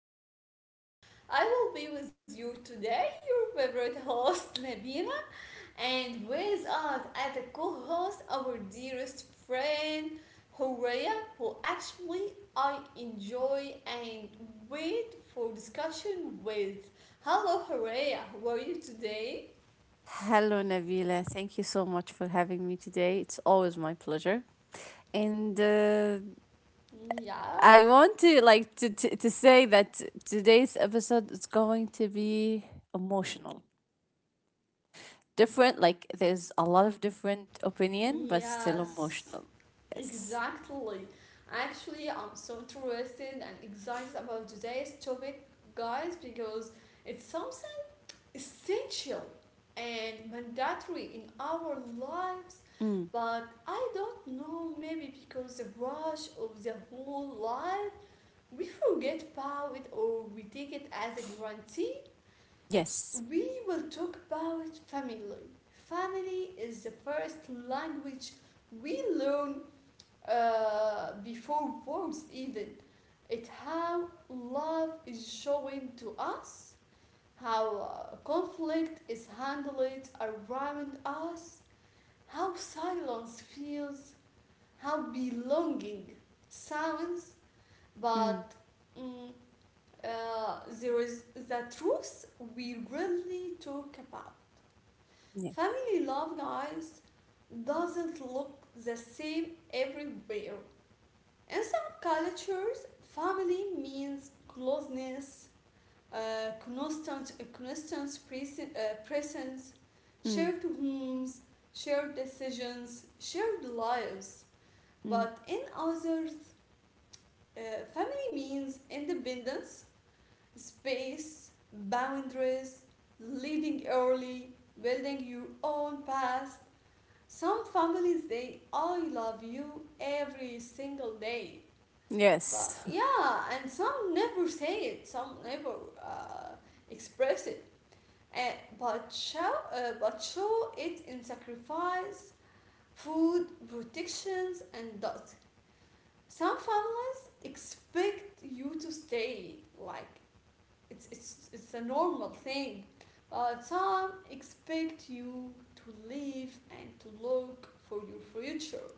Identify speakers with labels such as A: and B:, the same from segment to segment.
A: podcast. I will be with you today, your favorite host, Nabila, and with us as a co host, our dearest friend, Horea, who actually I enjoy and wait for discussion with. Hello, Horea, how are you today?
B: Hello, Nabila. Thank you so much for having me today. It's always my pleasure. And
A: Yeah.
B: I want to to say that today's episode is going to be emotional. Different, like there's a lot of different opinion, but still
A: Yes,
B: emotional. Yes.
A: exactly. Actually, I'm so interested and excited about today's topic, guys, because it's something essential and mandatory in our lives.
B: Mm.
A: But I don't know, maybe because the rush of the whole life, we forget about it or we take it as a guarantee
B: Yes.
A: we will talk about family. Family is the first language we learn before words even. It how love is shown to us, how conflict is handled around us, how silence feels, how belonging sounds,
B: Mm.
A: but mm, there is the truth we really talk about.
B: Yes.
A: Family love, guys, doesn't look the same everywhere. In some cultures, family means closeness, presence,
B: Mm.
A: shared homes, shared decisions, shared lives.
B: Mm.
A: But in others, uh, family means independence, space, boundaries, living early, building your own past, some families they I love you every single day. But
B: Yes.
A: yeah, and some never say it, some never uh, express it. And but show it in sacrifice, food, protections and dots. Some families expect you to stay like it's a normal thing. But some expect you to live and to look for your future.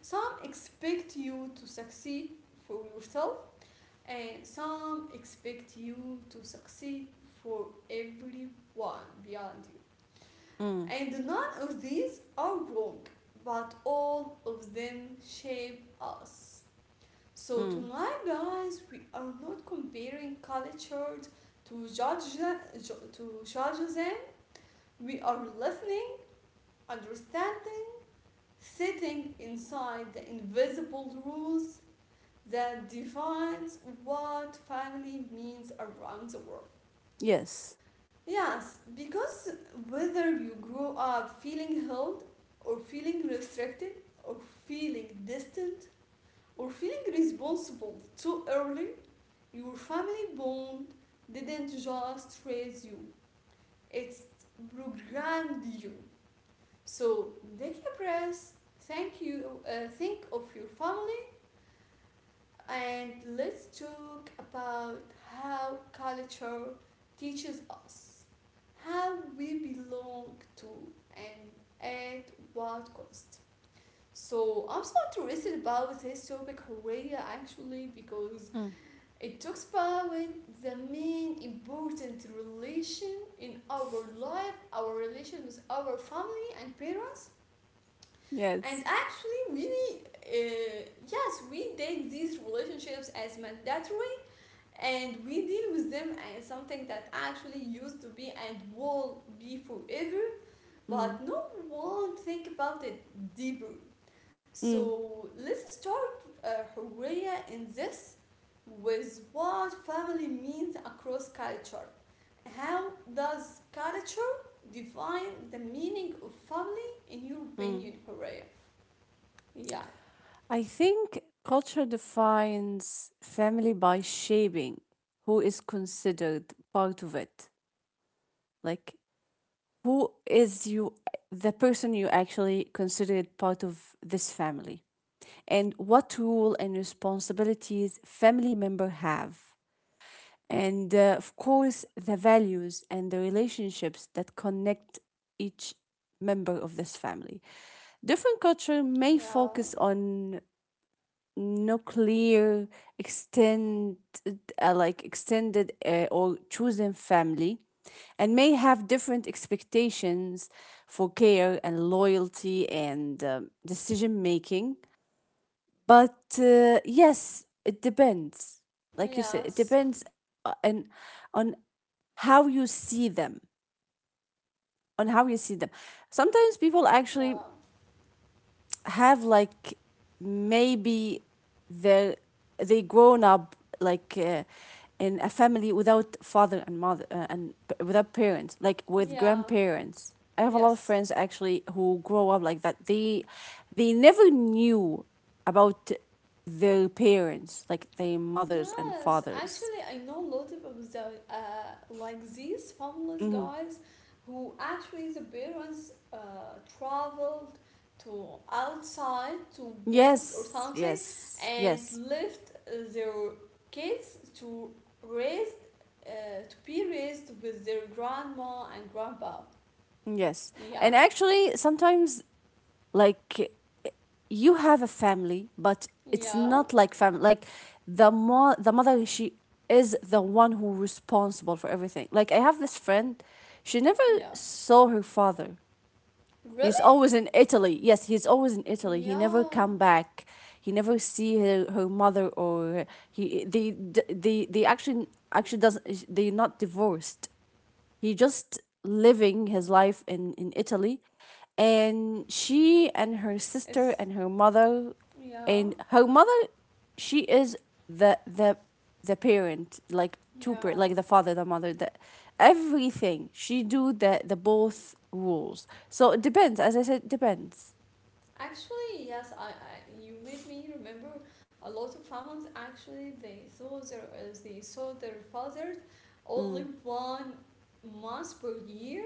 A: Some expect you to succeed for yourself, and some expect you to succeed for everyone beyond you.
B: Mm.
A: And none of these are wrong, but all of them shape us. So,
B: Mm.
A: tonight, guys, we are not comparing cultures to judge, them, to judge them. We are listening, understanding, sitting inside the invisible rules that defines what family means around the world.
B: Yes.
A: Yes, because whether you grow up feeling held or feeling restricted or feeling distant or feeling responsible too early, your family bond didn't just raise you, it's programmed you. So take a breath, think of your family. And let's talk about how culture teaches us how we belong to and at what cost. So I'm so interested about this topic Korea actually because
B: Mm.
A: it talks about the main important relation in our life, our relation with our family and parents. And
B: Yes.
A: actually, we yes, we take these relationships as mandatory and we deal with them as something that actually used to be and will be forever,
B: Mm.
A: but no one think about it deeper.
B: Mm.
A: So let's start, Hurriya, in this with what family means across culture. How does culture define the meaning of family in your
B: Mm.
A: opinion, Hurriya? Yeah.
B: I think culture defines family by shaping who is considered part of it. Like, who is you, the person you actually considered part of this family, and what role and responsibilities family member have. And of course, the values and the relationships that connect each member of this family. Different culture may
A: Yeah.
B: focus on nuclear extend like extended or chosen family and may have different expectations for care and loyalty and decision making but yes, it depends, like you said. It
A: Yes.
B: depends, and on how you see them, on how you see them. Sometimes people actually
A: Yeah.
B: have, like, maybe they grown up like in a family without father and mother, and without parents, like with
A: Yeah.
B: grandparents. I have a lot of
A: Yes.
B: friends actually who grow up like that. They never knew about their parents, like their mothers and
A: Yes,
B: fathers.
A: actually, I know a lot of the uh, like these fabulous
B: Hmm.
A: guys who actually the parents traveled to outside to work or
B: Yes,
A: something,
B: yes,
A: and
B: yes.
A: left their kids to raised uh, to be raised with their grandma and grandpa.
B: Yes, and
A: Yeah,
B: actually sometimes, like, you have a family but it's
A: yeah,
B: not like family, like the mother, she is the one who responsible for everything. Like, I have this friend, she never
A: yeah.
B: saw her father. He's
A: Really?
B: always in Italy. Yes, he's always in Italy. He never
A: Yeah.
B: come back. He never see her, her mother or he, they they actually, actually doesn't, they're not divorced. He just living his life in Italy. And she and her sister
A: It's
B: and her mother,
A: yeah,
B: and her mother, she is the the parent, like two per, like
A: yeah.
B: the father, the mother, the everything. She do the both rules. So it depends. As I said, it depends.
A: Actually, yes, I you made me remember a lot of families actually they saw their fathers only
B: Mm.
A: 1 month per year.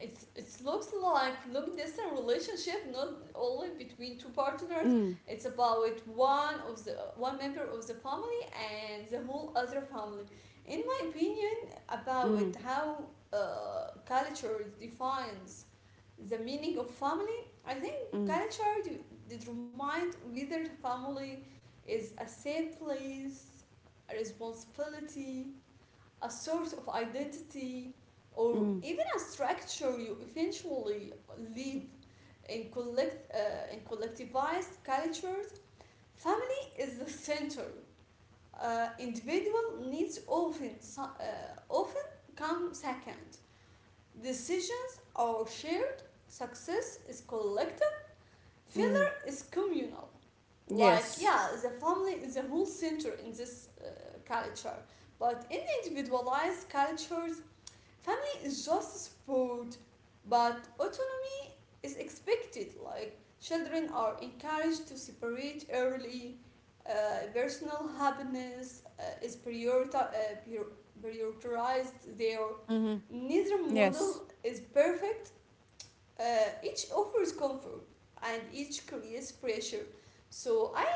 A: It's it looks like long distance relationship not only between two partners.
B: Mm.
A: It's about one member of the family and the whole other family. In my opinion, about
B: Mm.
A: how culture defines the meaning of family, I think
B: Mm.
A: culture d- determine whether family is a safe place, a responsibility, a source of identity, or
B: Mm.
A: even a structure you eventually live in. Collect uh, in collectivized cultures, family is the center. Individual needs often come second. Decisions are shared, success is collective, failure
B: Mm.
A: is communal. Like,
B: Yes.
A: yeah, the family is the whole center in this culture. But in individualized cultures, family is just support, but autonomy is expected. Like, children are encouraged to separate early. Uh, Personal happiness is prioritized there.
B: Mm-hmm.
A: Neither
B: Yes.
A: model is perfect. Each offers comfort and each creates pressure. So I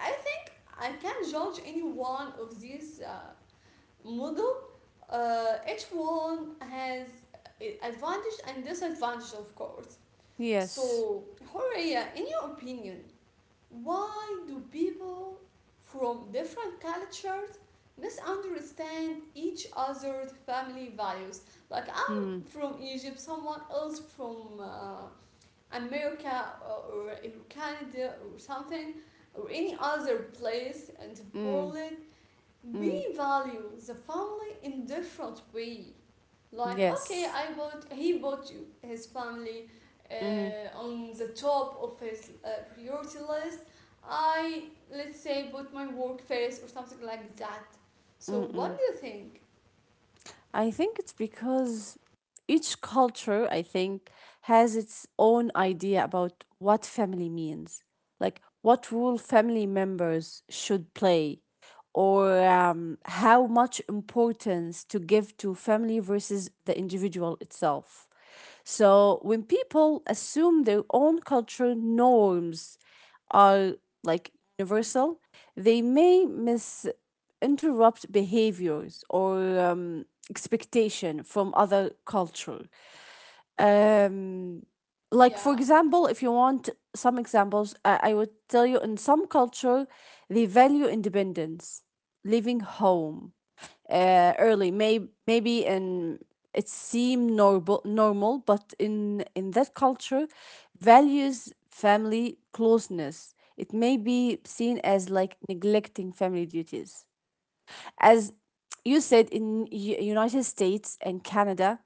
A: I think I can't judge any one of these model. Each one has advantage and disadvantage, of course.
B: Yes.
A: So, Horea, in your opinion, why do people from different cultures misunderstand each other's family values? Like
B: Mm.
A: I'm from Egypt, someone else from America, or Canada or something, or any other place in the
B: Mm.
A: world,
B: Mm.
A: we value the family in different way. Like okay,
B: Yes.
A: I bought he bought you his family
B: Mm-hmm.
A: on the top of his priority list. I let's say put my work first or something like that. So what
B: Mm-mm.
A: do you think?
B: I think it's because each culture, I think, has its own idea about what family means, like what role family members should play, or how much importance to give to family versus the individual itself. So when people assume their own culture norms are, like, universal, they may misinterrupt behaviors or expectation from other culture. Um, like for
A: Yeah.
B: example, if you want some examples, I would tell you in some culture they value independence, leaving home early. May maybe in, it seemed normal normal, but in that culture values family closeness, it may be seen as like neglecting family duties. As you said, in United States and Canada,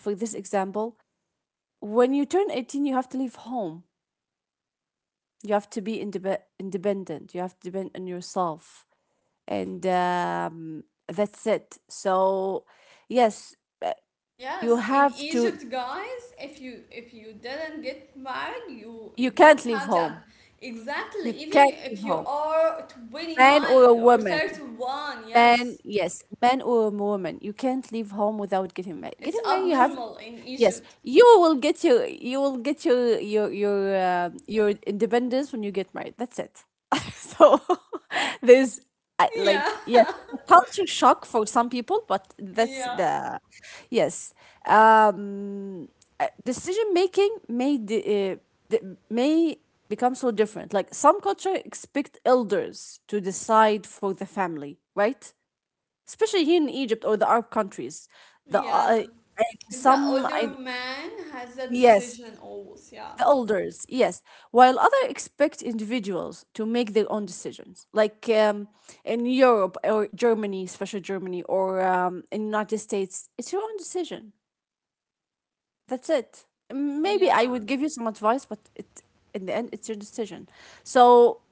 B: for this example, when you turn 18 you have to leave home, you have to be independent, you have to depend on yourself, and that's it. So yes. You
A: Yes, in
B: have to,
A: Egypt, guys, if you didn't get married, you
B: you
A: you don't
B: can't leave
A: have
B: home.
A: that. Exactly,
B: You
A: even
B: can't
A: you- if
B: leave
A: you
B: home.
A: are
B: Man or a
A: 29 or
B: woman.
A: 31.
B: Man,
A: Yes,
B: yes, man or a woman. You can't leave home without getting married.
A: it's
B: Getting married, you have.
A: abnormal in
B: Yes,
A: Egypt.
B: you will get your, you will get your independence when you get married. That's it. So there's, I-
A: Yeah.
B: like yes, it's a culture shock for some people, but that's
A: Yeah.
B: the yes. Um, decision making may may become so different. Like some culture expect elders to decide for the family, right? Especially here in Egypt or the Arab countries. The
A: Yeah. The
B: some I.
A: older man has a
B: Yes,
A: decision always. Yeah.
B: the elders, yes. While others expect individuals to make their own decisions, like in Europe or Germany, especially Germany, or in United States, it's your own decision. That's it. Maybe I
A: Yeah.
B: would give you some advice, but it, in the end, it's your decision. So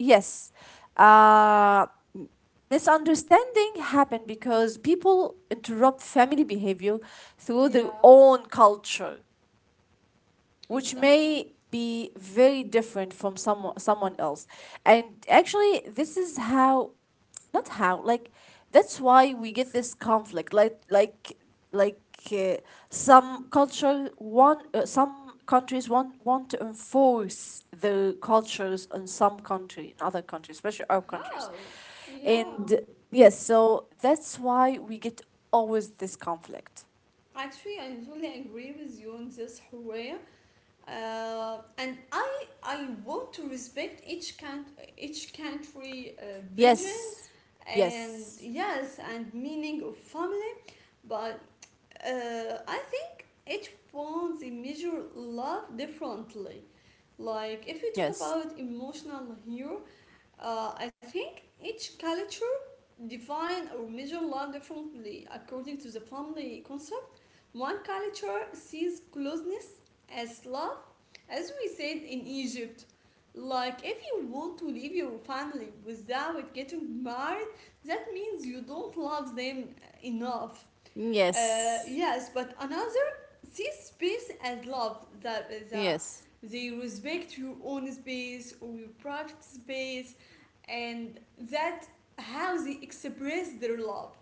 B: yes, uh, m- misunderstanding happen because people interrupt family behavior through their
A: Yeah.
B: own culture, which
A: Exactly.
B: may be very different from someone else. And actually, this is how, not how, like, that's why we get this conflict like like uh, some culture want some countries want to enforce the cultures in some country in other countries, especially Arab countries.
A: How? Yeah.
B: And yes, so that's why we get always this conflict.
A: Actually, I totally agree with you on this, Hooray. And I want to respect each country vision
B: Yes,
A: and
B: yes,
A: yes and meaning of family. But I think each one they measure love differently. Like if we talk
B: yes.
A: about emotional here, I think each culture define or measure love differently according to the family concept. One culture sees closeness as love, as we said in Egypt. Like if you want to leave your family without getting married, that means you don't love them enough.
B: Yes.
A: Yes, but another sees space as love, that is
B: Yes.
A: they respect your own space or your private space, and that how they express their love.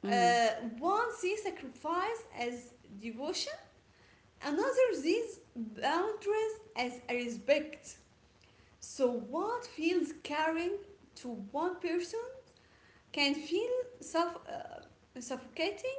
B: Mm.
A: Uh, One sees sacrifice as devotion, another sees boundaries as a respect. So, what feels caring to one person can feel suffocating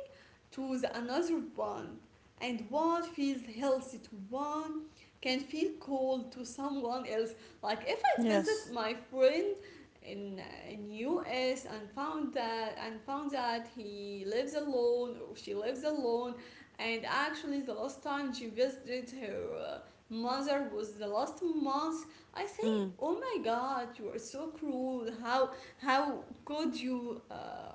A: to the another one, and what feels healthy to one can feel cold to someone else. Like if I visit
B: Yes.
A: my friend in US and found that he lives alone or she lives alone, and actually the last time she visited her uh, mother was the last month, I say
B: Mm.
A: oh my god, you are so cruel. How how could you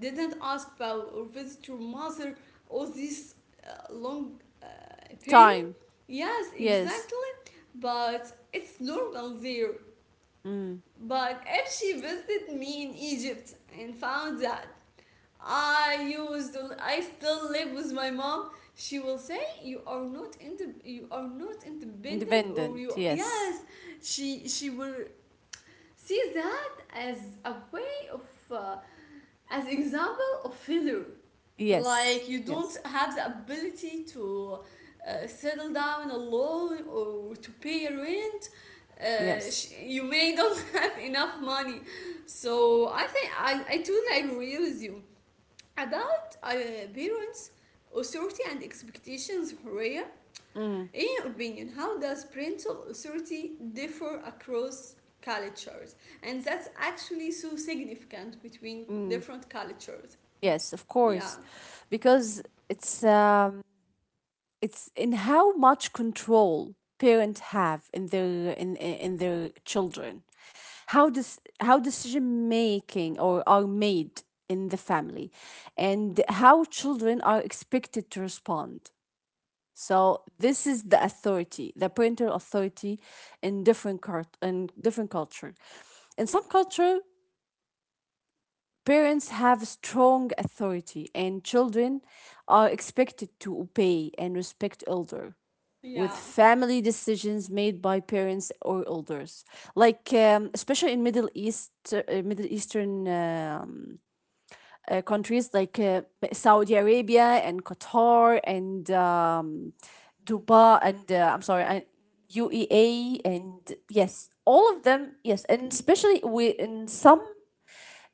A: didn't ask about or visit your mother all this long period.
B: Time.
A: Yes,
B: Yes.
A: exactly. But it's normal there.
B: Mm.
A: But if she visited me in Egypt and found that I used, I still live with my mom, she will say you are not you are not independent or
B: Independent.
A: you
B: Yes.
A: yes, she will see that as a way of uh, as example of failure.
B: Yes.
A: Like you don't
B: Yes.
A: have the ability to settle down alone or to pay your rent.
B: Yes.
A: You may don't have enough money. So I think I totally agree with you about parents' authority and expectations, Horea.
B: Mm.
A: In your opinion, how does parental authority differ across cultures? And that's actually so significant between
B: Mm.
A: different cultures.
B: Yes, of
A: Yeah,
B: course. Because it's um it's in how much control parents have in their, in their children. How this, how decision making or are made in the family, and how children are expected to respond. So this is the authority, the parental authority in different in different culture. In some culture, parents have strong authority and children are expected to obey and respect elder, with
A: yeah.
B: family decisions made by parents or elders, like especially in Middle East, Middle Eastern countries like Saudi Arabia and Qatar, and Dubai, and I'm sorry, and UEA, and yes, all of them, yes. And especially we, in some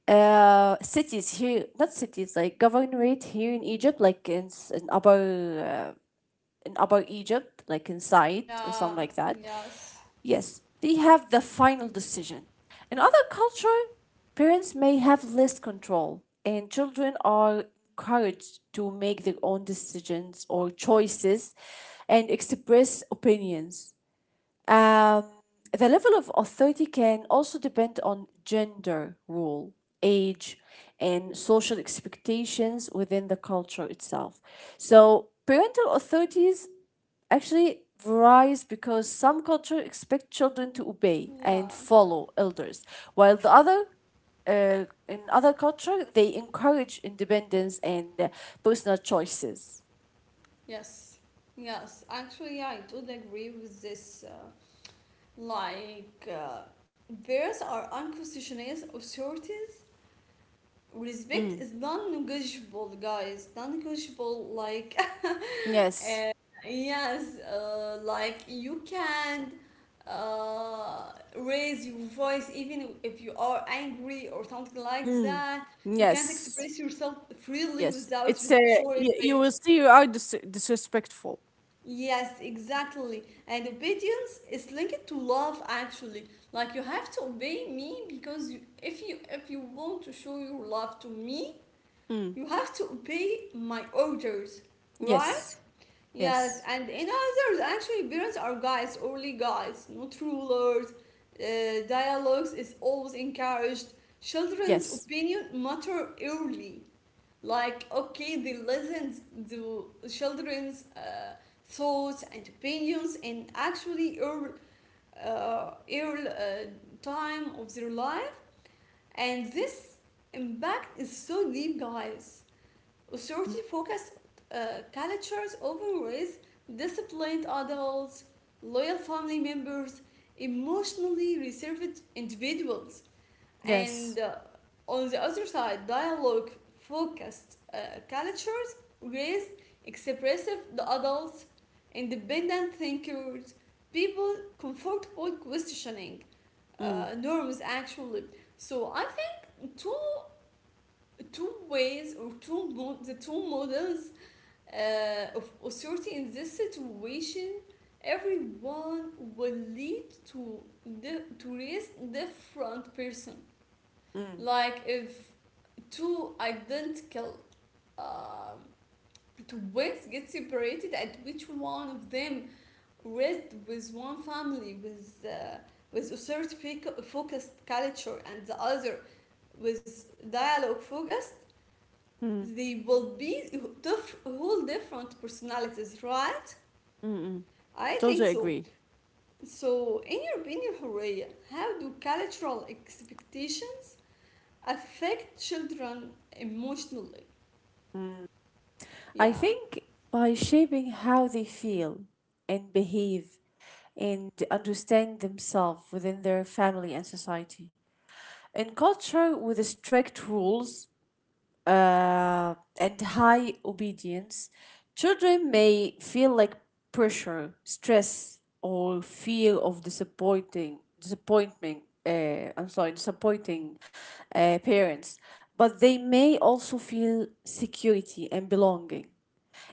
B: cities here, not cities, like governorate here in Egypt, like in, uh, in upper Egypt, like inside or something
A: Yeah,
B: like that.
A: yes,
B: Yes, they have the final decision. In other culture, parents may have less control, and children are encouraged to make their own decisions or choices and express opinions. Um, the level of authority can also depend on gender role, age, and social expectations within the culture itself. So, parental authorities actually varies because some cultures expect children to obey and
A: yeah,
B: follow elders, while the other in other culture they encourage independence and personal choices.
A: yes, yes. Actually, yeah, I totally agree with this. Like, uh, bears are unconstitutional authorities.
B: Mm.
A: Respect is non negotiable, guys. Non negotiable, like,
B: Yes.
A: yes, like you can't raise your voice even if you are angry or something like
B: Mm.
A: that. You can't
B: Yes.
A: express yourself freely
B: Yes,
A: without
B: it's a,
A: showing
B: you
A: respect.
B: will see you are disrespectful.
A: Yes, exactly. And obedience is linked to love actually. Like you have to obey me because if you want to show your love to me,
B: Mm.
A: you have to obey my orders, right?
B: Yes,
A: Yes,
B: yes,
A: and in others actually parents are guides, only guides, not rulers. Dialogues is always encouraged. Children's
B: yes,
A: opinion matter early, like okay they listen to children's thoughts and opinions, and actually early, uh, early uh, time of their life, and this impact is so deep, guys.
B: mm.
A: Authority focused uh, cultures often raise disciplined adults, loyal family members, emotionally reserved individuals,
B: Yes.
A: and on the other side, dialogue focused cultures raise expressive adults, independent thinkers, people comfortable questioning
B: Mm.
A: norms actually. So I think two two ways or two mo- the two models of authority in this situation, everyone will lead to the to raise different person.
B: Mm.
A: Like if two identical um twins get separated and which one of them raised with one family with a certain focused culture, and the other with dialogue focused,
B: Mm.
A: they will be whole different personalities, right?
B: Mm. Mm.
A: I think
B: Totally
A: so.
B: agree.
A: So in your opinion, Horea, how do cultural expectations affect children emotionally?
B: I
A: Yeah.
B: think by shaping how they feel and behave and understand themselves within their family and society. In culture with strict rules and high obedience, children may feel like pressure, stress, or fear of disappointing disappointment. I'm sorry, disappointing parents, but they may also feel security and belonging.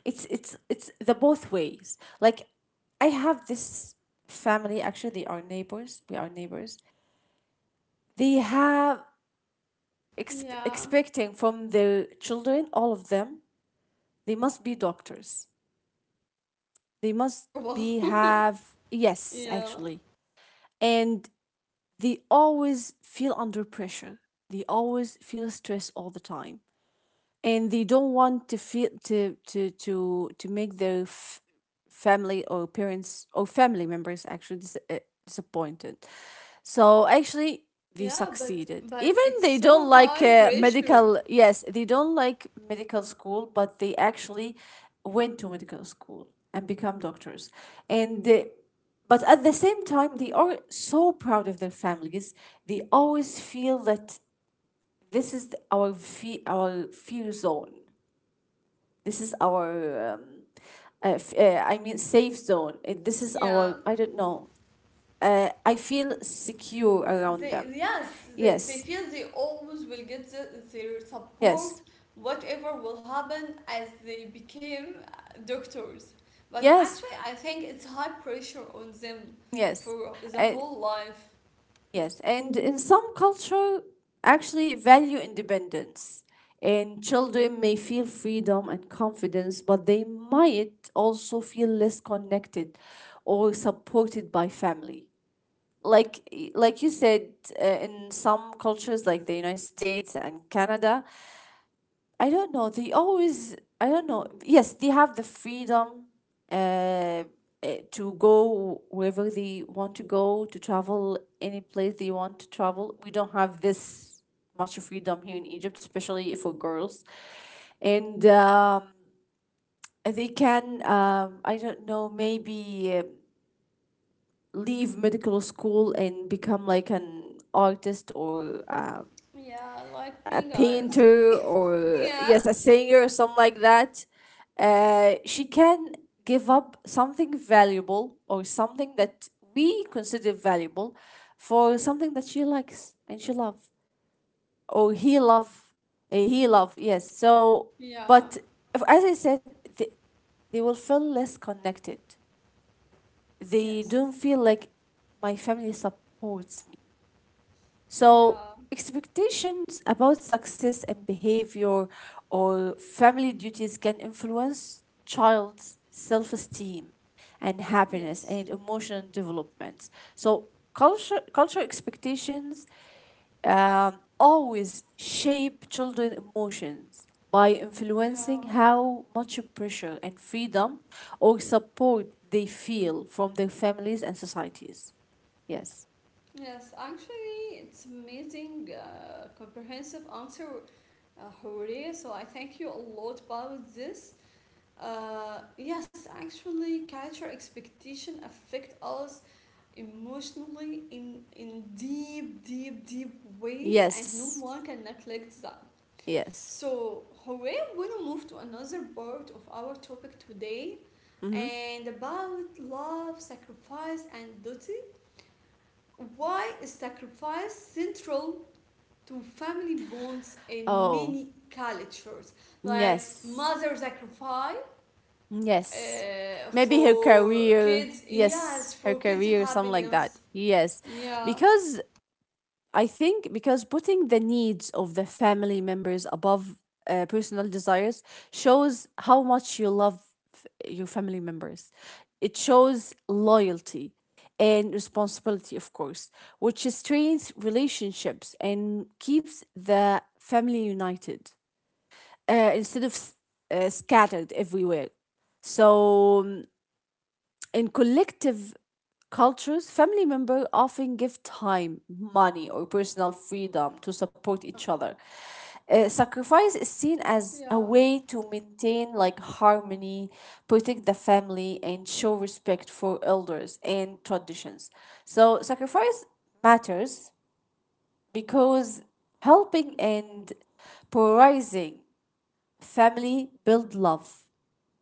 B: It's it's the both ways. Like, I have this family. Actually, they are neighbors. We are neighbors. They have
A: Yeah.
B: expecting from their children, all of them, they must be doctors. They must
A: Well,
B: be have, yes,
A: yeah.
B: actually. And they always feel under pressure. They always feel stress all the time, and they don't want to feel to to make their family or parents or family members actually disappointed. So actually, they
A: Yeah,
B: succeeded
A: but
B: even
A: it's
B: they don't
A: so
B: like
A: high pressure.
B: medical. Yes, they don't like medical school, but they actually went to medical school and become doctors. And but at the same time, they are so proud of their families. They always feel that this is our our fear zone. This is our I mean safe zone. This is our,
A: Yeah.
B: I don't know, I feel secure around them.
A: They, yes, they
B: Yes,
A: feel they always will get the, their
B: yes,
A: support, whatever will happen as they became doctors. But
B: yes,
A: actually, I think it's high pressure on them
B: yes.
A: for the
B: Uh,
A: whole life.
B: yes, and in some culture actually value independence, and children may feel freedom and confidence, but they might also feel less connected or supported by family. like like you said, in some cultures like the United States and Canada, I don't know, they always, I don't know, yes, they have the freedom uh, to go wherever they want to go, to travel any place they want to travel. We don't have this much freedom here in Egypt, especially for girls. And they can, I don't know, maybe leave medical school and become like an artist or
A: Yeah, like
B: a
A: me, guys.
B: painter or,
A: Yeah.
B: yes, a singer or something like that. Uh, she can give up something valuable or something that we consider valuable for something that she likes and she love, or he love, he love, yes. So,
A: Yeah.
B: but as I said, the, they will feel less connected. They
A: Yes.
B: don't feel like my family supports me. So,
A: Yeah.
B: expectations about success and behavior or family duties can influence child's self esteem and happiness
A: Yes.
B: and emotional development. So, cultural expectations always shape children's emotions by influencing
A: Yeah.
B: how much pressure and freedom or support they feel from their families and societies. Yes.
A: Yes, actually, it's amazing, comprehensive answer, Horia. So I thank you a lot about this. Yes, actually, culture expectation affect us emotionally in deep, deep, deep way, and no
B: Yes.
A: one can neglect that.
B: Yes.
A: So, Horia, we'll move to another part of our topic today,
B: Hmm.
A: and about love, sacrifice, and duty. Why is sacrifice central to family bonds in
B: Oh,
A: many cultures? Like
B: yes.
A: mother sacrifice
B: Yes. Maybe her
A: for
B: career.
A: kids,
B: Yes,
A: yes,
B: her
A: for kids'
B: career, something like that.
A: happiness.
B: Yes.
A: Yeah,
B: Because, I think, because putting the needs of the family members above personal desires shows how much you love f- your family members. It shows loyalty and responsibility, of course, which strengthens relationships and keeps the family united instead of scattered everywhere. So, in collective cultures, family members often give time, money, or personal freedom to support each other. Sacrifice is seen as a
A: yeah,
B: way to maintain, like, harmony, protect the family, and show respect for elders and traditions. So sacrifice matters because helping and prioritizing family build love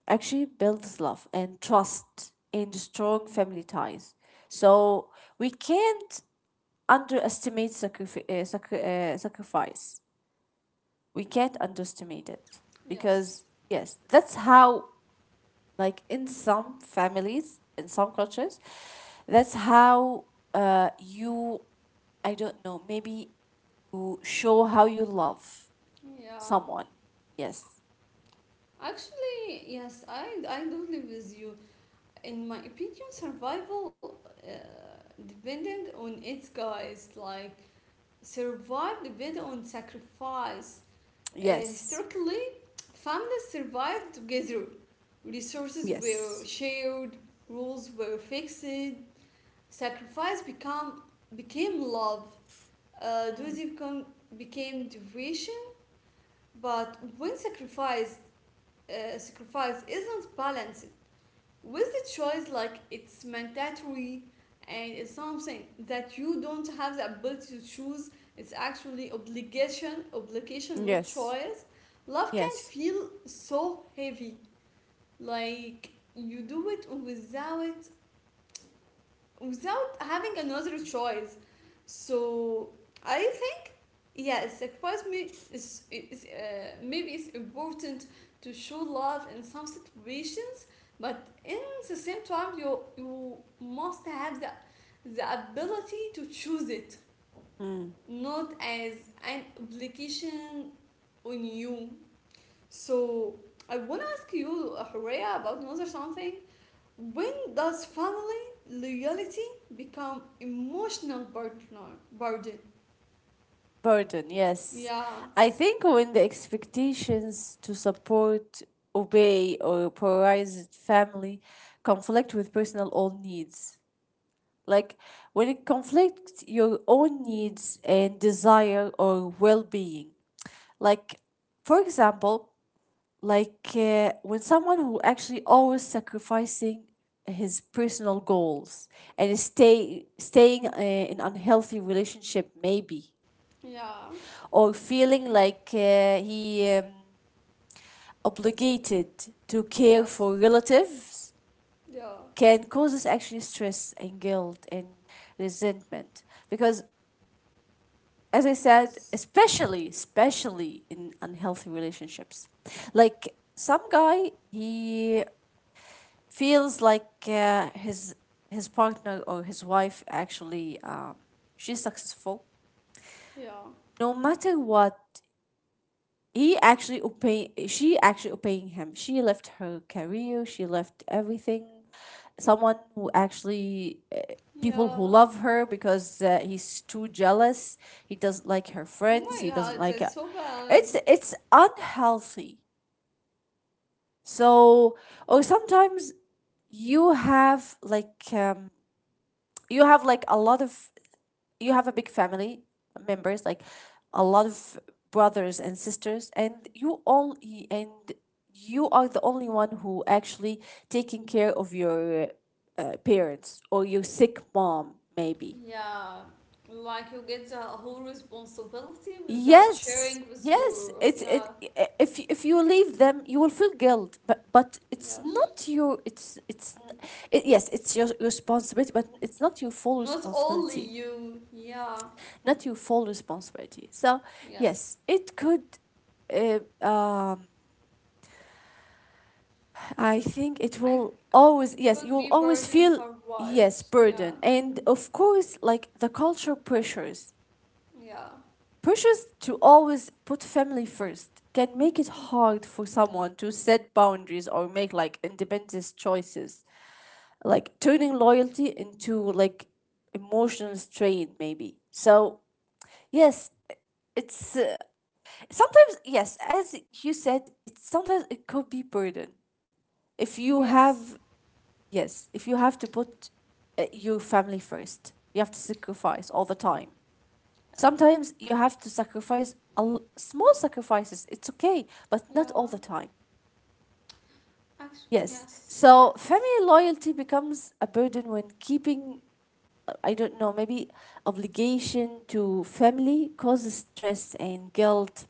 B: actually builds love and trust and strong family ties, so we can't underestimate sacrifice. We can't underestimate it, because
A: yes,
B: yes, that's how, like in some families, in some cultures, that's how you, I don't know, maybe you show how you love
A: yeah.
B: someone. Yes,
A: Actually, yes, I do live with you. In my opinion, survival dependent on its guys. Like survive depend on sacrifice.
B: yes,
A: Historically, families survived together. Resources were
B: yes.
A: shared, rules were fixed, sacrifice become, became love. Uh, duty became devotion. But when sacrifice isn't balanced with the choice, like it's mandatory and it's something that you don't have the ability to choose, it's actually obligation, not
B: Yes.
A: choice. Love can
B: Yes.
A: feel so heavy like you do it without without having another choice, so I think, yeah, sacrifice is, maybe it's important to show love in some situations, but in the same time you must have the ability to choose it,
B: Mm.
A: not as an obligation on you. So I want to ask you, Horea, about another something. When does family loyalty become emotional partner burden?
B: Burden, yes.
A: Yeah,
B: I think when the expectations to support, obey, or prioritize family conflict with personal own needs. Like when it conflicts your own needs and desire or well being. Like, for example, like when someone who actually always sacrificing his personal goals and is staying in unhealthy relationship maybe,
A: yeah,
B: or feeling like he obligated to care
A: yes,
B: for relatives
A: yeah,
B: can cause us actually stress and guilt and resentment, because as I said,
A: yes,
B: especially in unhealthy relationships. Like some guy, he feels like his partner or his wife actually she's successful
A: yeah,
B: no matter what. He actually obey, she actually obeying him, she left her career, she left everything. Someone who actually people who
A: yeah.
B: love her because he's too jealous, he doesn't like her
A: Oh
B: friends,
A: my
B: he doesn't
A: god,
B: like.
A: that's so bad.
B: It's unhealthy. So or sometimes you have like um, you have like a lot of, you have a big family members, like a lot of brothers and sisters, and you all, and you are the only one who actually taking care of your parents or your sick mom maybe.
A: Yeah, like you get the whole responsibility without
B: Yes,
A: sharing with
B: yes,
A: your.
B: it's it
A: Yeah,
B: if you leave them you will feel guilt, but it's
A: yes.
B: not your, it's it, yes it's your responsibility, but it's not your full
A: Not only
B: responsibility,
A: you. Yeah,
B: not your full responsibility. So
A: yes.
B: yes, it could. Uh, um, I think it
A: I.
B: will always.
A: It
B: Yes, you
A: could
B: will
A: be
B: always
A: burden
B: feel
A: for
B: yes
A: wives. Yeah,
B: burden. And of course, like the cultural pressures,
A: yeah,
B: pressures to always put family first can make it hard for someone to set boundaries or make like independent choices, like turning loyalty into like emotional strain, maybe. So yes, it's sometimes, yes, as you said, it sometimes it could be burden if you
A: yes.
B: have, yes, if you have to put your family first, you have to sacrifice all the time.
A: Yeah,
B: Sometimes you have to small sacrifices, it's okay, but not all
A: yeah.
B: the time.
A: Actually,
B: Yes,
A: yes,
B: so
A: yes,
B: family loyalty becomes a burden when keeping, I don't know, maybe obligation to family causes stress and guilt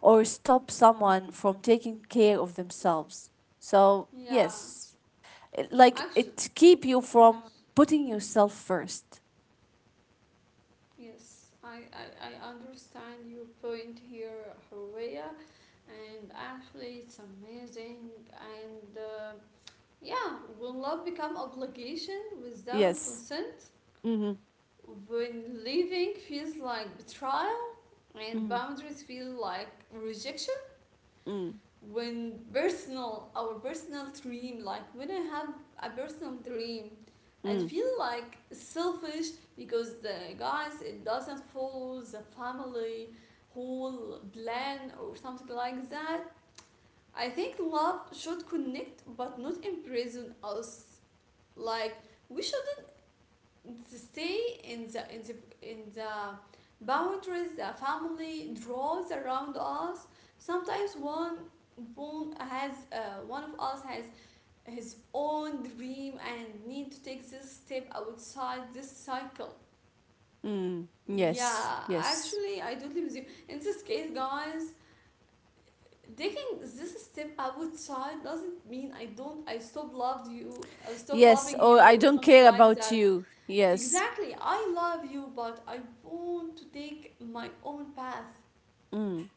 B: or stop someone from taking care of themselves. So,
A: yeah.
B: yes, it- like
A: Actually,
B: it keep you
A: yes,
B: from putting yourself first.
A: yes. I understand your point here, Horea, and actually, it's amazing. And yeah, will love become obligation without
B: Yes.
A: consent?
B: Mm-hmm.
A: When leaving feels like betrayal and
B: Mm,
A: boundaries feel like rejection.
B: mm,
A: When personal our personal dream, like when I have a personal dream and
B: mm,
A: feel like selfish because the guys it doesn't follow the family whole plan or something like that, I think love should connect but not imprison us. Like we should stay in the boundaries the family draws around us. Sometimes one one has one of us has his own dream and need to take this step outside this cycle.
B: mm. Yes,
A: Yeah,
B: yes.
A: actually I totally with you in this case, guys. Taking this step outside doesn't mean I don't I stop loved you I stop
B: Yes,
A: loving
B: or
A: you
B: I
A: or
B: don't
A: something
B: care
A: like
B: about
A: that.
B: you. Yes.
A: Exactly. I love you, but I want to take my own path.
B: Mm.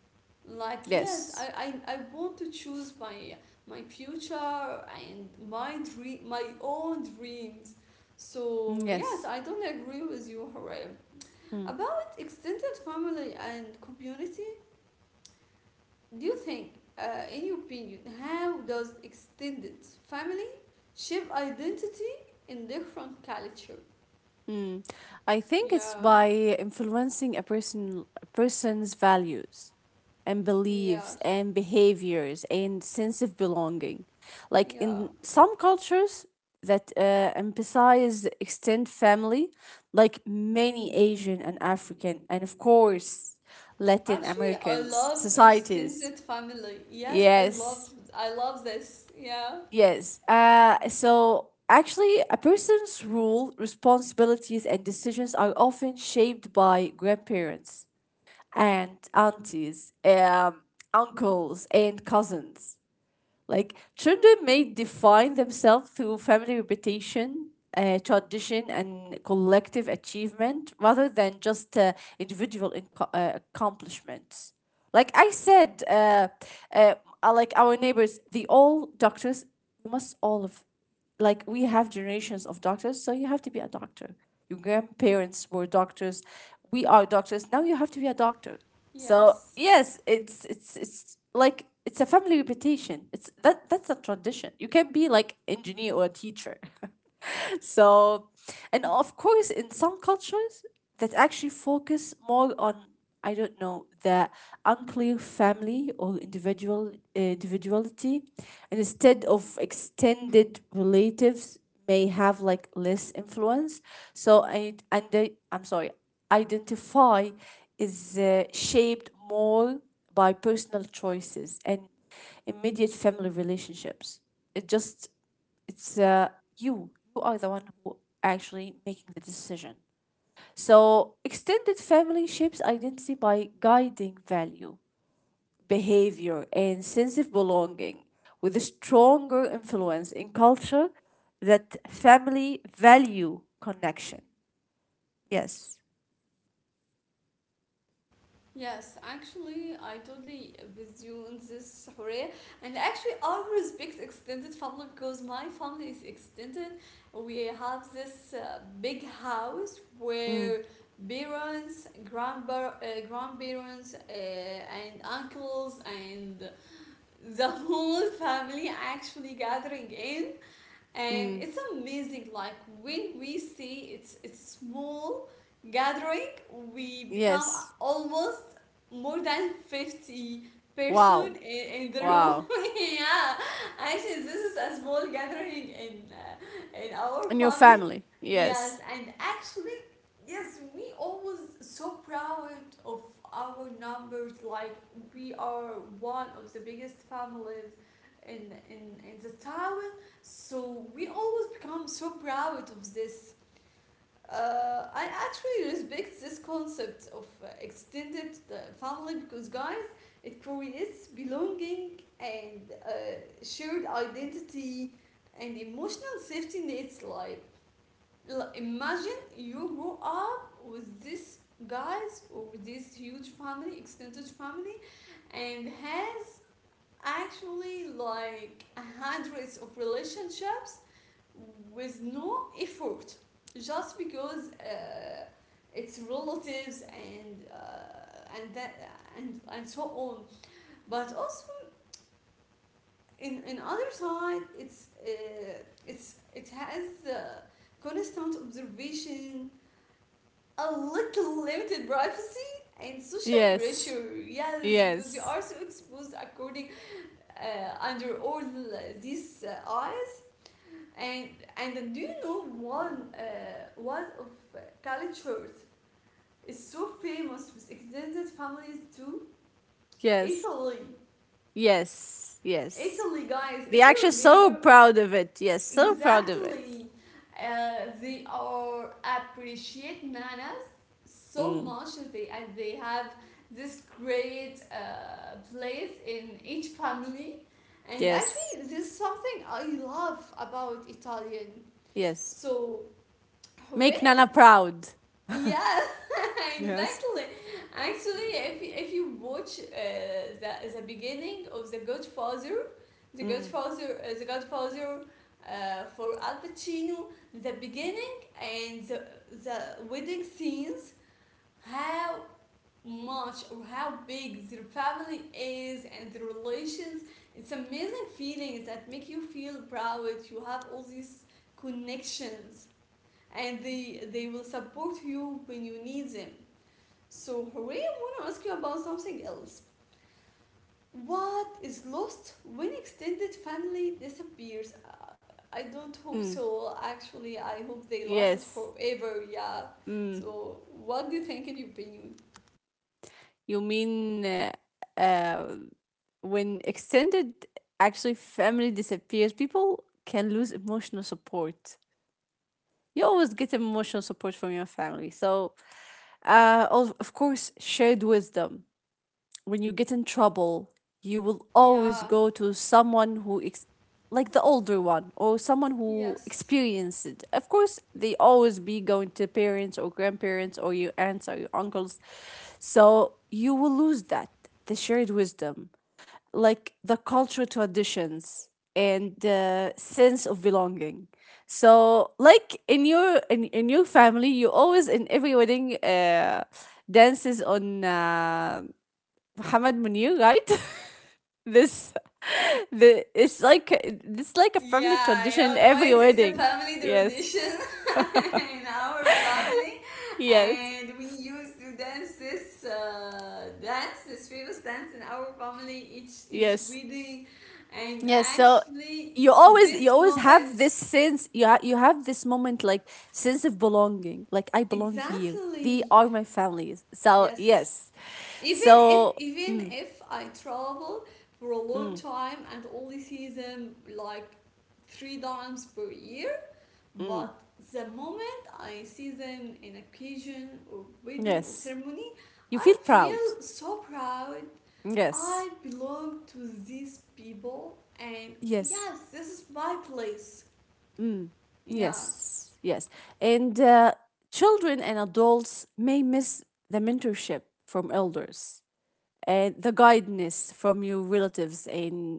A: Like, yes,
B: Yes.
A: I want to choose my my future and my dream, my own dreams. So, yes,
B: Yes.
A: I don't agree with you, Harim.
B: Mm.
A: About extended family and community, do you think, in your opinion, how does extended family shape identity in different culture?
B: Mm. I think it's
A: Yeah,
B: by influencing a person's values and beliefs
A: yes,
B: and behaviors and sense of belonging. Like
A: yeah.
B: in some cultures that emphasize extended family, like many Asian and African and of course Latin
A: Actually, I
B: Americans
A: love
B: societies.
A: extended family. Yes,
B: Yes.
A: I love this. Yeah.
B: Yes. So actually, a person's role, responsibilities, and decisions are often shaped by grandparents and aunties, uncles, and cousins. Like children may define themselves through family reputation, tradition, and collective achievement rather than just accomplishments. Like I said, uh, like our neighbors, they all doctors. We must all of, like we have generations of doctors, so you have to be a doctor. Your grandparents were doctors. We are doctors. Now you have to be a doctor. So
A: Yes.
B: yes, it's like it's a family reputation. It's that, that's a tradition. You can be like engineer or a teacher. So, and of course, in some cultures that actually focus more on, I don't know, the unclear family or individuality, and instead of extended relatives may have like less influence. So, and they, I'm sorry, identify is shaped more by personal choices and immediate family relationships. It just it's you. You are the one who actually making the decision. So extended family shapes identity by guiding value, behavior, and sense of belonging, with a stronger influence in culture that family value connection. Yes.
A: Yes, actually, I totally with you on this, Horea. And actually, I respect extended family because my family is extended. We have this big house
B: Mm,
A: where parents, grandpa, grandparents, and uncles, and the whole family actually gathering in, and
B: mm,
A: it's amazing. Like when we see, it's small gathering, we become
B: yes.
A: almost more than 50 person
B: Wow.
A: in the room.
B: Wow.
A: Yeah, actually this is a small gathering in our
B: And your
A: family.
B: family. Yes.
A: Yes, and actually, yes, we always so proud of our numbers. Like we are one of the biggest families in in the town, so we always become so proud of this. I actually respect this concept of extended family because, guys, it creates belonging and shared identity and emotional safety nets. Like, imagine you grow up with this guys or with this huge family, extended family, and has actually like hundreds of relationships with no effort just because it's relatives and that and so on. But also in other side, it's it has constant observation, a little limited privacy, and social
B: Yes.
A: pressure. Yes, because you
B: Yes.
A: are so exposed according under all these and and do you know one one of cultures is so famous with extended families too?
B: Yes.
A: Italy,
B: Yes. Yes.
A: Italy, guys. If
B: The
A: you
B: actually so
A: remember
B: proud of it. Yes, so proud of it.
A: exactly, they are appreciate manners so
B: Mm.
A: much, they and they have this great place in each family. And
B: Yes.
A: actually, this is something I love about Italian.
B: Yes.
A: So,
B: Make Nana
A: Horena,
B: proud.
A: yeah,
B: Yes.
A: exactly. Actually, if you watch the beginning of The Godfather,
B: Mm.
A: The Godfather for Al Pacino, the beginning and the wedding scenes, how much or how big their family is and the relations, it's amazing feelings that make you feel proud. You have all these connections and they will support you when you need them. So, Hooray, I want to ask you about something else. What is lost when extended family disappears? I don't hope
B: Mm.
A: so. Actually, I hope they lasted
B: Yes.
A: forever. Yeah.
B: Mm.
A: So, what do you think in your opinion?
B: You mean uh, when extended actually family disappears, people can lose emotional support. You always get emotional support from your family. So, of course, shared wisdom. When you get in trouble, you will always
A: Yeah.
B: go to someone who like the older one or someone who
A: Yes.
B: experienced it. Of course, they always be going to parents or grandparents or your aunts or your uncles. So you will lose that, the shared wisdom, like the cultural traditions and the sense of belonging. So, like in your, in your family, you always in every wedding dances on Muhammad Munir, right? This, the it's like, it's like a family
A: Yeah,
B: tradition
A: yeah,
B: every
A: guys, it's a
B: wedding.
A: family
B: Yes.
A: tradition in our family,
B: Yes.
A: and we used to dance, this famous dance in our family each
B: Yes.
A: wedding, and
B: Yes. So
A: actually
B: you always, you
A: this
B: always have this
A: moment
B: sense, you you have this moment, like sense of belonging. Like I belong here. They
A: exactly
B: are my families. So
A: yes.
B: yes.
A: Even
B: So mm,
A: if I travel for a long
B: mm,
A: time and only see them like three times per year.
B: mm.
A: But the moment I see them in occasion or wedding or
B: Yes.
A: ceremony,
B: You
A: I
B: feel proud.
A: feel so proud.
B: Yes.
A: I belong to these people, and
B: Yes.
A: yes, this is my place. Yeah,
B: Yes, yes. And children and adults may miss the mentorship from elders and the guidance from your relatives and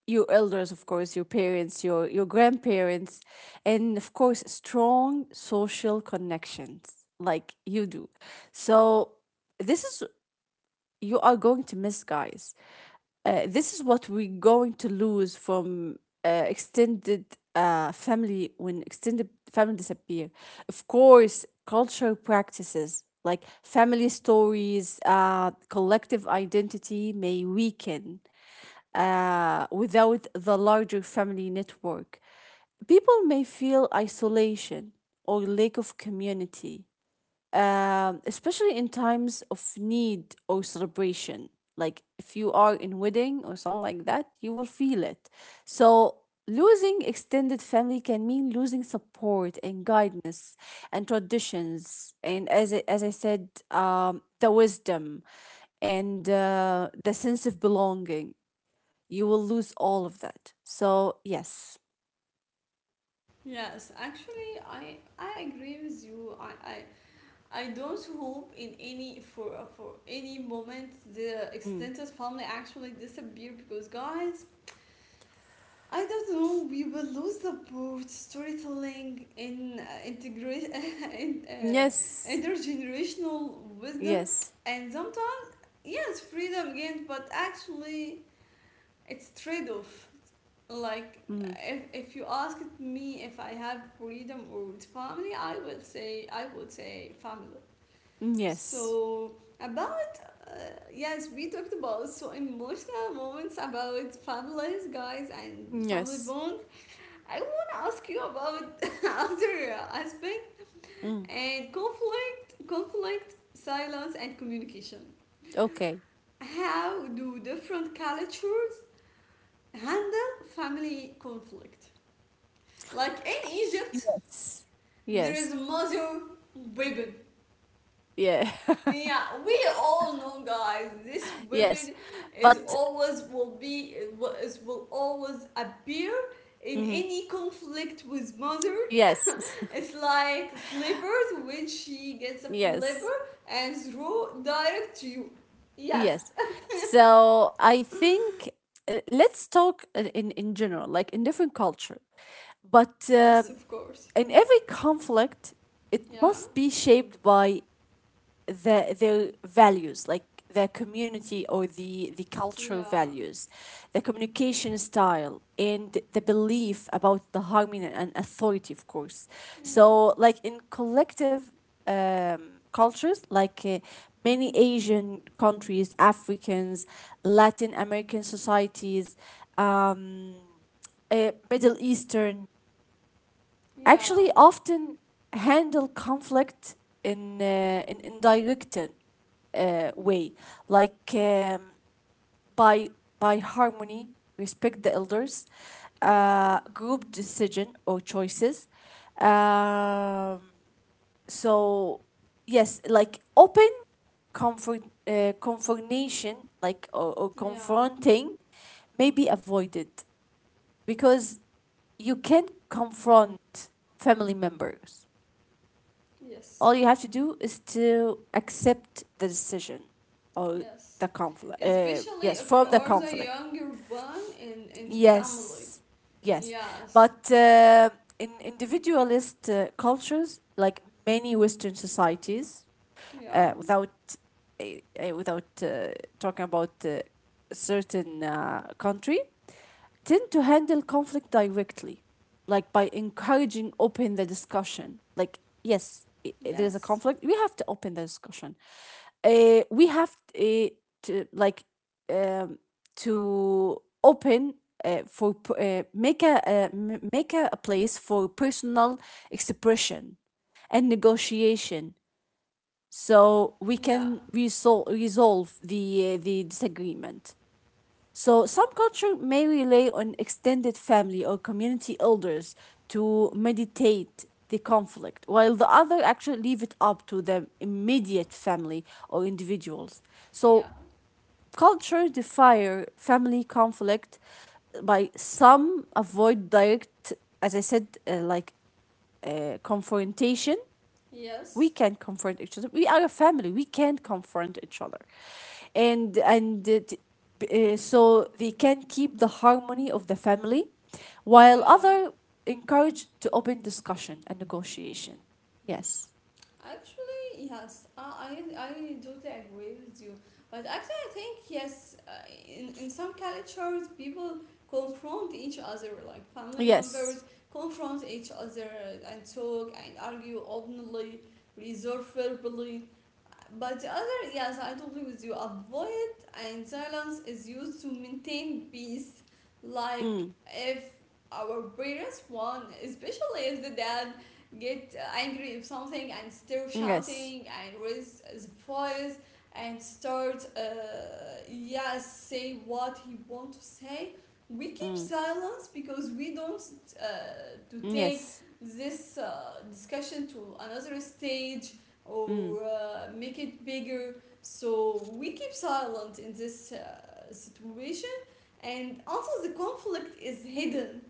B: your elders, of course, your parents, your grandparents, and of course, strong social connections like you do. So, this is you are going to miss, guys. This is what we're going to lose from extended family when extended family disappear. Of course, cultural practices like family stories, collective identity may weaken without the larger family network. People may feel isolation or lack of community, especially in times of need or celebration. Like if you are in wedding or something like that, you will feel it. So losing extended family can mean losing support and guidance and traditions, and as I said, the wisdom and the sense of belonging. You will lose all of that. So yes.
A: yes. Actually, I agree with you. I don't hope in any for any moment the
B: Mm.
A: extended family actually disappear because guys, I don't know. We will lose the both storytelling in integration in
B: Yes,
A: intergenerational wisdom,
B: yes.
A: and sometimes yes, freedom again. But actually, it's trade-off. Like
B: Mhm.
A: if, if you ask me if I have freedom or with family, I would say family.
B: Yes,
A: So about uh, yes, we talked about so emotional moments about families, guys, and family
B: yes.
A: bond. I want to ask you about other aspect
B: Mm.
A: and conflict, silence, and communication.
B: Okay.
A: How do different cultures handle family conflict? Like in Egypt,
B: Yes.
A: there
B: Yes.
A: is mother weapon.
B: Yeah.
A: Yeah, we all know, guys. This
B: Yes.
A: weapon is
B: But
A: always will be is will always appear in
B: mhm.
A: any conflict with mother.
B: Yes.
A: It's like slippers when she gets a
B: Yes.
A: flipper and throw direct to you. Yes.
B: Yes. So I think, let's talk in in general, like in different culture. But
A: Yes, of course.
B: in every conflict, it
A: Yeah.
B: must be shaped by their values, like their community or the cultural
A: Yeah.
B: values, the communication style, and the belief about the harmony and authority, of course.
A: Yeah.
B: So like in collective um, cultures, like many Asian countries, Africans, Latin American societies, um, Middle Eastern,
A: Yeah.
B: actually often handle conflict in in directed way, like by by harmony, respect the elders,
A: Yeah.
B: group decision or choices. Um, so yes, like open comfort confrontation, like or
A: Yeah.
B: confronting, may be avoided because you can confront family members.
A: Yes.
B: All you have to do is to accept the decision or
A: Yes.
B: the conflict.
A: Especially
B: Yes,
A: if you
B: from the
A: are the
B: conflict.
A: younger one in the family.
B: Yes, yes.
A: Yes.
B: But in individualist cultures, like many Western societies,
A: Yeah.
B: uh, without uh, without talking about certain country, tend to handle conflict directly, like by encouraging open the discussion. Like, yes, there's a
A: Yes.
B: conflict. We have to open the discussion. We have to like um, to open uh, for p- make make a place for personal expression and negotiation, so we
A: Yeah.
B: can resolve the disagreement. So some culture may rely on extended family or community elders to mediate the conflict, while the other actually leave it up to the immediate family or individuals.
A: Yeah.
B: So culture defer family conflict by some avoid direct, as I said, like confrontation. We
A: Yes.
B: can confront each other, we are a family, we can confront each other, and and uh, t- so they can keep the harmony of the family, while
A: Yeah.
B: other encourage to open discussion and negotiation. Yes,
A: Actually, yes, I totally agree with you. But actually, I think yes, in some cultures, people confront each other, like family members
B: yes.
A: confront each other and talk and argue openly, reserve verbally. But the other, yes, I totally with you. Avoid and silence is used to maintain peace. Like
B: Mm.
A: if our parents want, especially if the dad get angry if something and start
B: Yes.
A: shouting and raise his voice and start yeah say what he want to say, we keep
B: Mm.
A: silence because we don't to take
B: Yes.
A: this discussion to another stage
B: Mm.
A: or make it bigger, so we keep silent in this situation, and also the conflict is hidden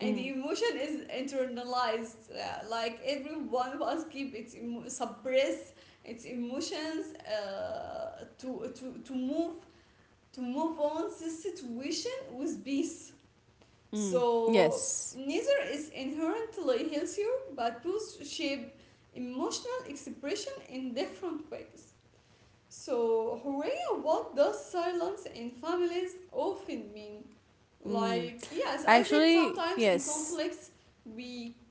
A: and the
B: Mm.
A: emotion is internalized like every one of us keep its suppress its emotions to move on this situation with peace.
B: Mm.
A: So
B: Yes.
A: neither is inherently healthier, but both shape emotional expression in different ways. So, Horea, what does silence in families often mean?
B: Mm.
A: Like, yes, I said
B: Actually
A: sometimes in
B: yes.
A: conflicts we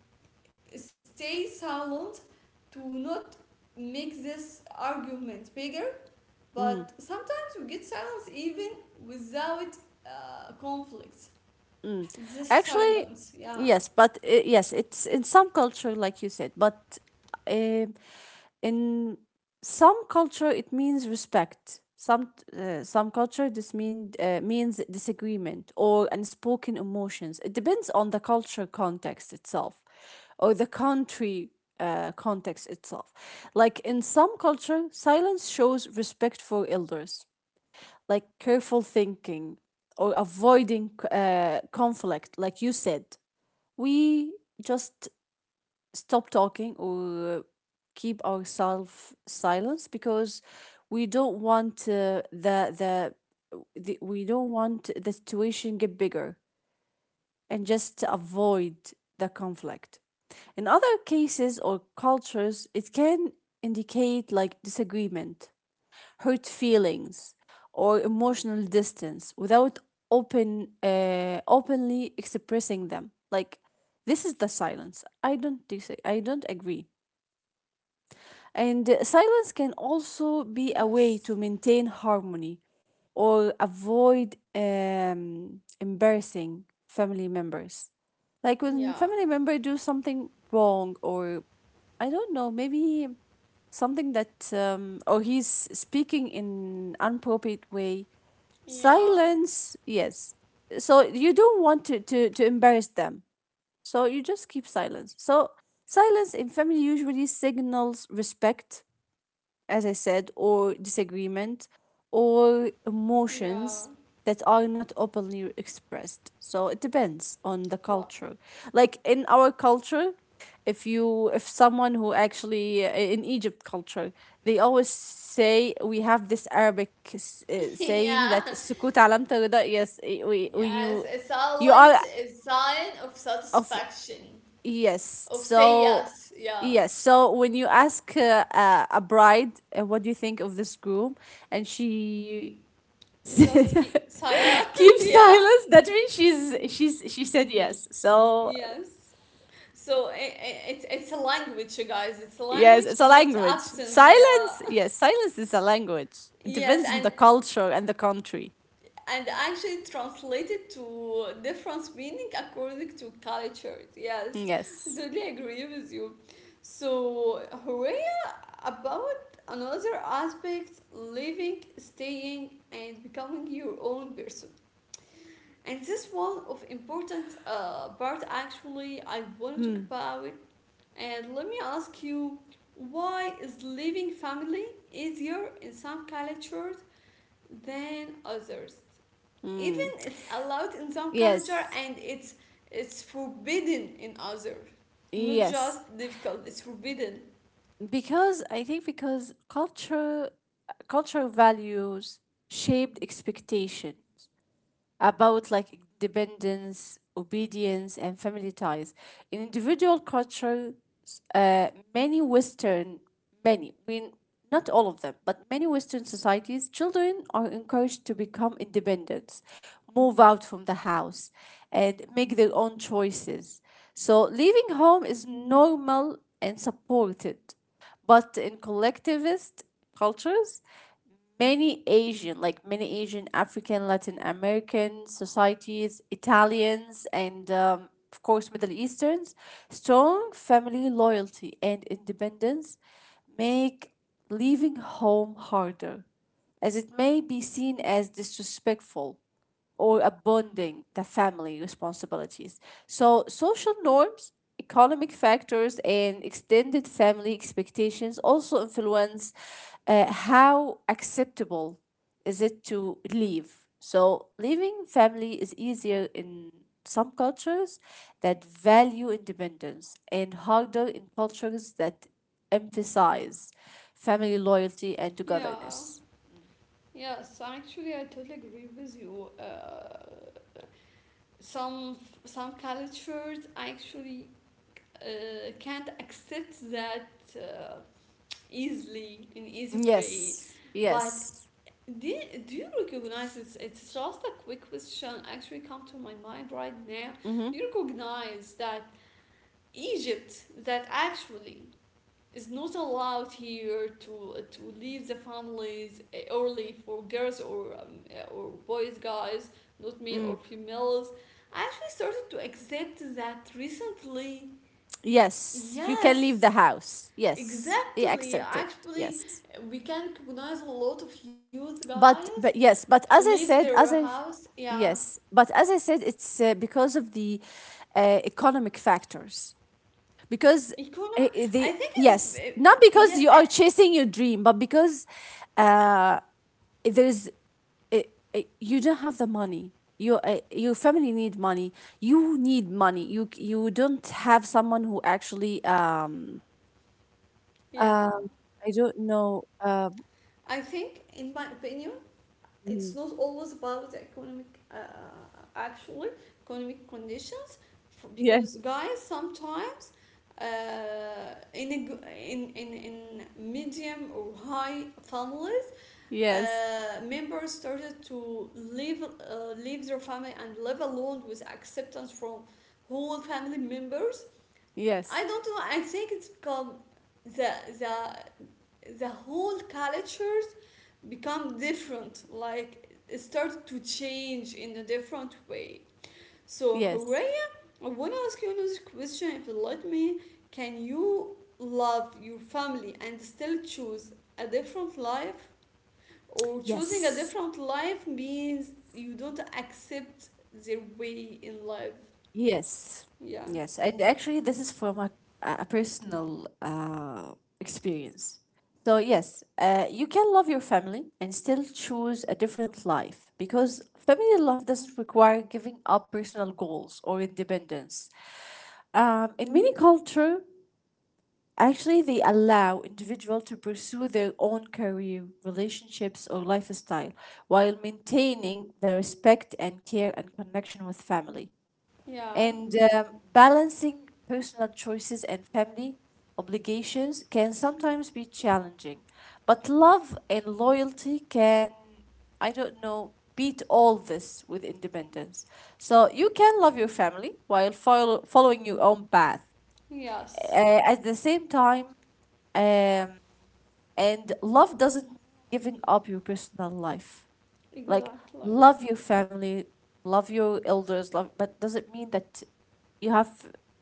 A: stay silent to not make this argument bigger,
B: Mm.
A: but sometimes we get silence even without conflicts.
B: Mm.
A: This
B: Actually,
A: silence, yeah,
B: yes, but yes, it's in some culture, like you said. But uh, in some culture, it means respect. Some culture this mean means disagreement or unspoken emotions. It depends on the culture context itself, or the country context itself. Like in some culture, silence shows respect for elders, like careful thinking or avoiding conflict. Like you said, we just stop talking or keep ourselves silence because we don't want the, we don't want the situation get bigger and just avoid the conflict. In other cases or cultures, it can indicate like disagreement, hurt feelings, or emotional distance without openly expressing them. Like this is the silence. I don't dis- I don't agree. And silence can also be a way to
A: Yes.
B: maintain harmony or avoid embarrassing family members. Like when family
A: Yeah,
B: member do something wrong or, I don't know, maybe something that, or he's speaking in inappropriate way.
A: Yeah.
B: Silence, yes. So you don't want to embarrass them, so you just keep silence. So silence in family usually signals respect, as I said, or disagreement, or emotions
A: Yeah.
B: that are not openly expressed. So it depends on the culture.
A: What?
B: Like in our culture, if someone who actually, in Egypt culture, they always say we have this Arabic saying
A: Yeah.
B: that sukut alam tarida. Yes, we when
A: Yes,
B: you
A: a
B: you are
A: silence is sign of
B: of
A: satisfaction,
B: Yes.
A: of say
B: So,
A: yes, yeah.
B: yes. So when you ask a bride, what do you think of this groom? And she keeps
A: Just keep silent, yeah.
B: silence. That means she said yes. So
A: Yes. So it's a language, you guys. It's a
B: yes,
A: language,
B: it's a
A: not
B: language.
A: absence, yeah.
B: Silence. Yes, silence is a language. It
A: Yes,
B: depends on the culture and the country.
A: and actually translated to different meaning according to cultures. Yes,
B: Yes.
A: totally agree with you. So, Horea, about another aspect living, staying, and becoming your own person. And this one of important part actually I want to talk
B: Mm.
A: about. And let me ask you, why is living family easier in some cultures than others? Even it's allowed in some culture
B: Yes.
A: and it's forbidden in other, not
B: Yes.
A: just difficult, it's forbidden.
B: Because I think, because culture cultural values shaped expectations about, like, dependence, obedience, and family ties. In individual cultures, uh, many Western, many, I mean, not all of them, but many Western societies, children are encouraged to become independent, move out from the house, and make their own choices. So leaving home is normal and supported. But in collectivist cultures, many Asian, like many Asian, African, Latin American societies, Italians, and, of course, Middle Easterns, strong family loyalty and independence make leaving home harder, as it may be seen as disrespectful or abounding the family responsibilities. So, social norms, economic factors, and extended family expectations also influence how acceptable is it to leave. So, leaving family is easier in some cultures that value independence and harder in cultures that emphasize family loyalty and
A: Yeah,
B: togetherness.
A: yes, actually I totally agree with you. Some some cultures actually can't accept that uh, easily in easy way.
B: Yes,
A: But
B: yes.
A: do, do you recognize it's just a quick question actually come to my mind right now,
B: Mm-hmm.
A: do you recognize that Egypt that actually is not allowed here to leave the families, eh, early for girls or eh, or boys, guys, not male
B: Mm.
A: or females? I actually started to accept that recently.
B: Yes, you can leave the
A: Yes,
B: house. Yes, they
A: exactly
B: accepted.
A: actually
B: Yes,
A: we can recognize a lot of youth guys
B: but yes, but as
A: leave
B: I
A: their
B: said, as I
A: house. Yeah,
B: yes, but as I said, it's because of the economic factors. Because
A: economy, I think
B: they,
A: it's
B: yes,
A: it,
B: not
A: yes, eh,
B: because you are chasing your dream, but because uh, there's, uh, you don't have the money. Your, your family need money. You need money. You don't have someone who actually,
A: yeah.
B: Um, I don't know. Um,
A: I think in my opinion
B: mm,
A: it's not always about the economic actually economic conditions, f
B: yeah,
A: because guys sometimes uh, in, a, g- in medium or high families,
B: yes,
A: members started to leave leave their family and live alone with acceptance from whole family members.
B: yes,
A: I don't know. I think it's become the the whole cultures become different. Like it started to change in a different way. So
B: yes,
A: Hooray, I wanna ask you another question if you let me. Can you love your family and still choose a different life? Or choosing a
B: yes,
A: different life means you don't accept their way in life.
B: yes,
A: Yeah.
B: yes. And actually, this is from a, personal experience. So, yes, you can love your family and still choose a different life because family love doesn't require giving up personal goals or independence. In many culture, actually, they allow individual to pursue their own career, relationships, or lifestyle while maintaining the respect and care and connection with family.
A: Yeah.
B: And, balancing personal choices and family obligations can sometimes be challenging, but love and loyalty can, I don't know, beat all this with independence. So you can love your family while following your own path
A: Yes.
B: at the same time, um, and love doesn't mean giving up your personal life. Like,
A: Exactly.
B: love your family, love your elders, love, but doesn't mean that you have,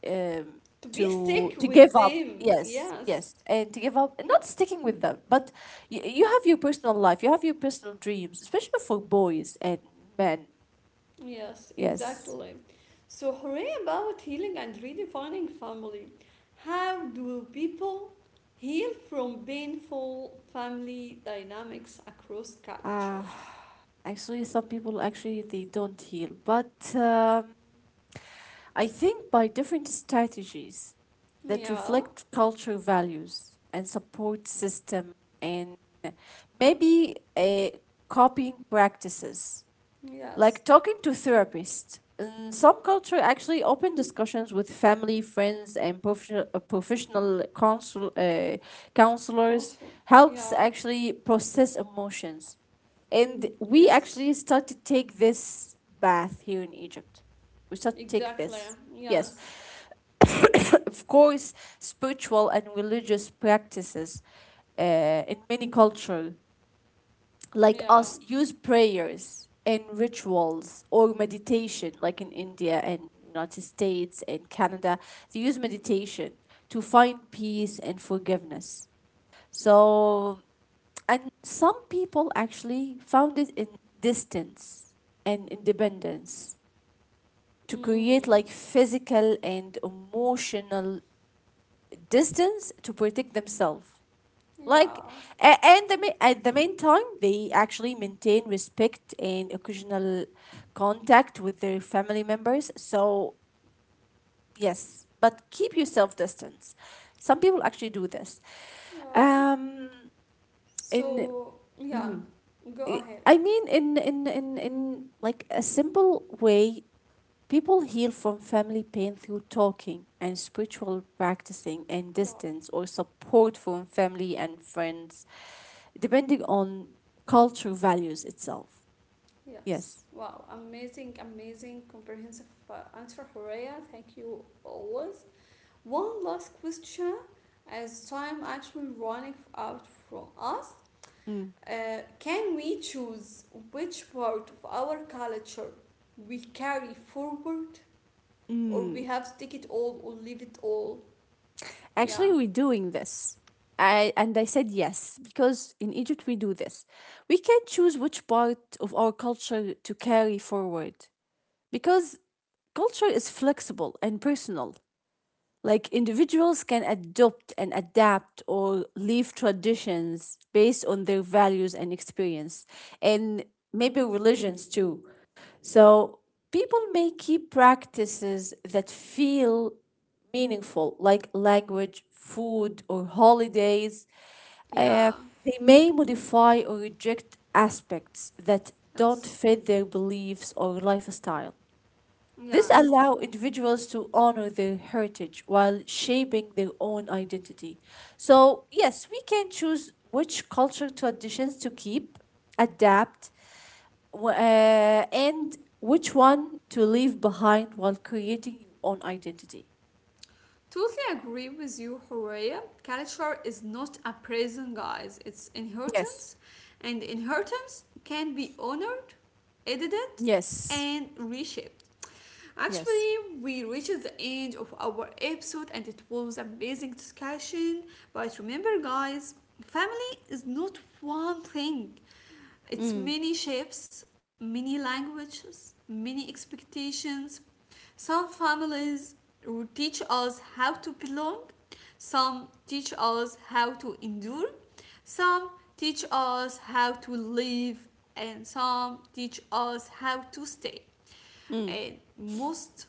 B: um,
A: To be
B: to
A: stick
B: to give
A: with
B: up.
A: them.
B: Yes,
A: Yes,
B: yes. And to give up, not sticking with them, but you, have your personal life, you have your personal dreams, especially for boys and men.
A: yes,
B: Yes.
A: exactly. So, hooray about healing and redefining family. How do people heal from painful family dynamics across
B: uh,
A: cultures?
B: actually some people actually they don't heal, but I think by different strategies that
A: Yeah,
B: reflect cultural values and support system, and maybe copying practices,
A: yes,
B: like talking to therapists. In some culture actually open discussions with family, friends, and professional, professional
A: Council.
B: counselors
A: Yeah,
B: helps actually process emotions. And we
A: yes,
B: actually start to take this bath here in Egypt. We start to take
A: exactly.
B: this. Yes.
A: Yes,
B: Of course, spiritual and religious practices, in many cultures, like
A: yeah,
B: us, use prayers and rituals or meditation, like in India and United States and Canada, they use meditation to find peace and forgiveness. So, and some people actually found it in distance and independence, to create,
A: mm.
B: like, physical and emotional distance to protect themselves. Like,
A: Yeah,
B: at the meantime, they actually maintain respect and occasional contact with their family members. So, yes, but keep
A: yeah,
B: yourself distance. Some people actually do this.
A: yeah.
B: Um, in,
A: So, yeah,
B: mhm.
A: go
B: I
A: ahead.
B: I mean, in like, a simple way, people heal from family pain through talking and spiritual practicing and
A: Wow.
B: distance or support from family and friends, depending on culture values itself.
A: Yes.
B: Yes.
A: Wow. Amazing, amazing, comprehensive answer, Horea. Thank you always. One last question as time actually running out from us.
B: Mm.
A: Can we choose which part of our culture we carry forward, or
B: Mm.
A: we have to take it all or leave it all? Yeah.
B: Actually, we're doing this. And I said yes, because in Egypt we do this. We can choose which part of our culture to carry forward because culture is flexible and personal. Like, individuals can adopt and adapt or leave traditions based on their values and experience, and maybe religions too. So people may keep practices that feel meaningful, like language, food, or holidays. Uh,
A: Yeah.
B: they may modify or reject aspects that don't
A: Yes.
B: fit their beliefs or lifestyle. This
A: Yes.
B: allows individuals to honor their heritage while shaping their own identity. So, yes, we can choose which cultural traditions to keep, adapt, and which one to leave behind while creating your own identity.
A: Totally agree with you, Horea. Culture is not a prison, guys. It's
B: Yes.
A: inheritance, and inheritance can be honored, edited,
B: Yes.
A: and reshaped.
B: Yes.
A: Actually, we reached the end of our episode, and it was amazing discussion. But remember, guys, family is not one thing. It's
B: Mm.
A: many shapes, many languages, many expectations. Some families teach us how to belong, some teach us how to endure, some teach us how to live, and some teach us how to stay.
B: Mm.
A: And most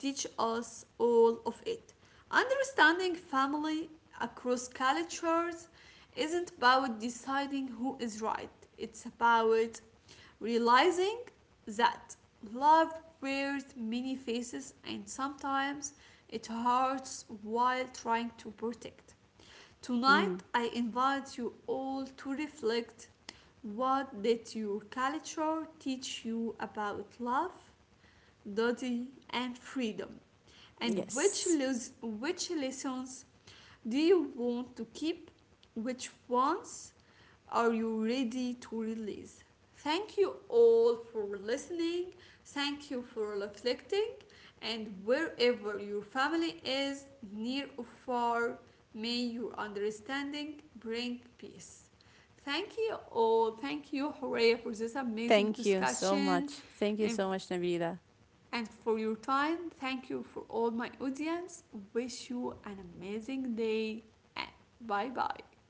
A: teach us all of it. Understanding family across cultures isn't about deciding who is right, it's about realizing that love wears many faces, and sometimes it hurts while trying to protect. Tonight,
B: Mm.
A: I invite you all to reflect: what did your culture teach you about love, duty, and freedom? And which,
B: Yes.
A: which lessons do you want to keep? Which ones are you ready to release? Thank you all for listening. Thank you for reflecting. And wherever your family is, near or far, may your understanding bring peace. Thank you all. Thank you, Horea, for this amazing
B: Thank you so
A: discussion
B: much. Thank you
A: and
B: so much, Nabila.
A: and for your time. Thank you for all my audience. Wish you an amazing day and bye bye.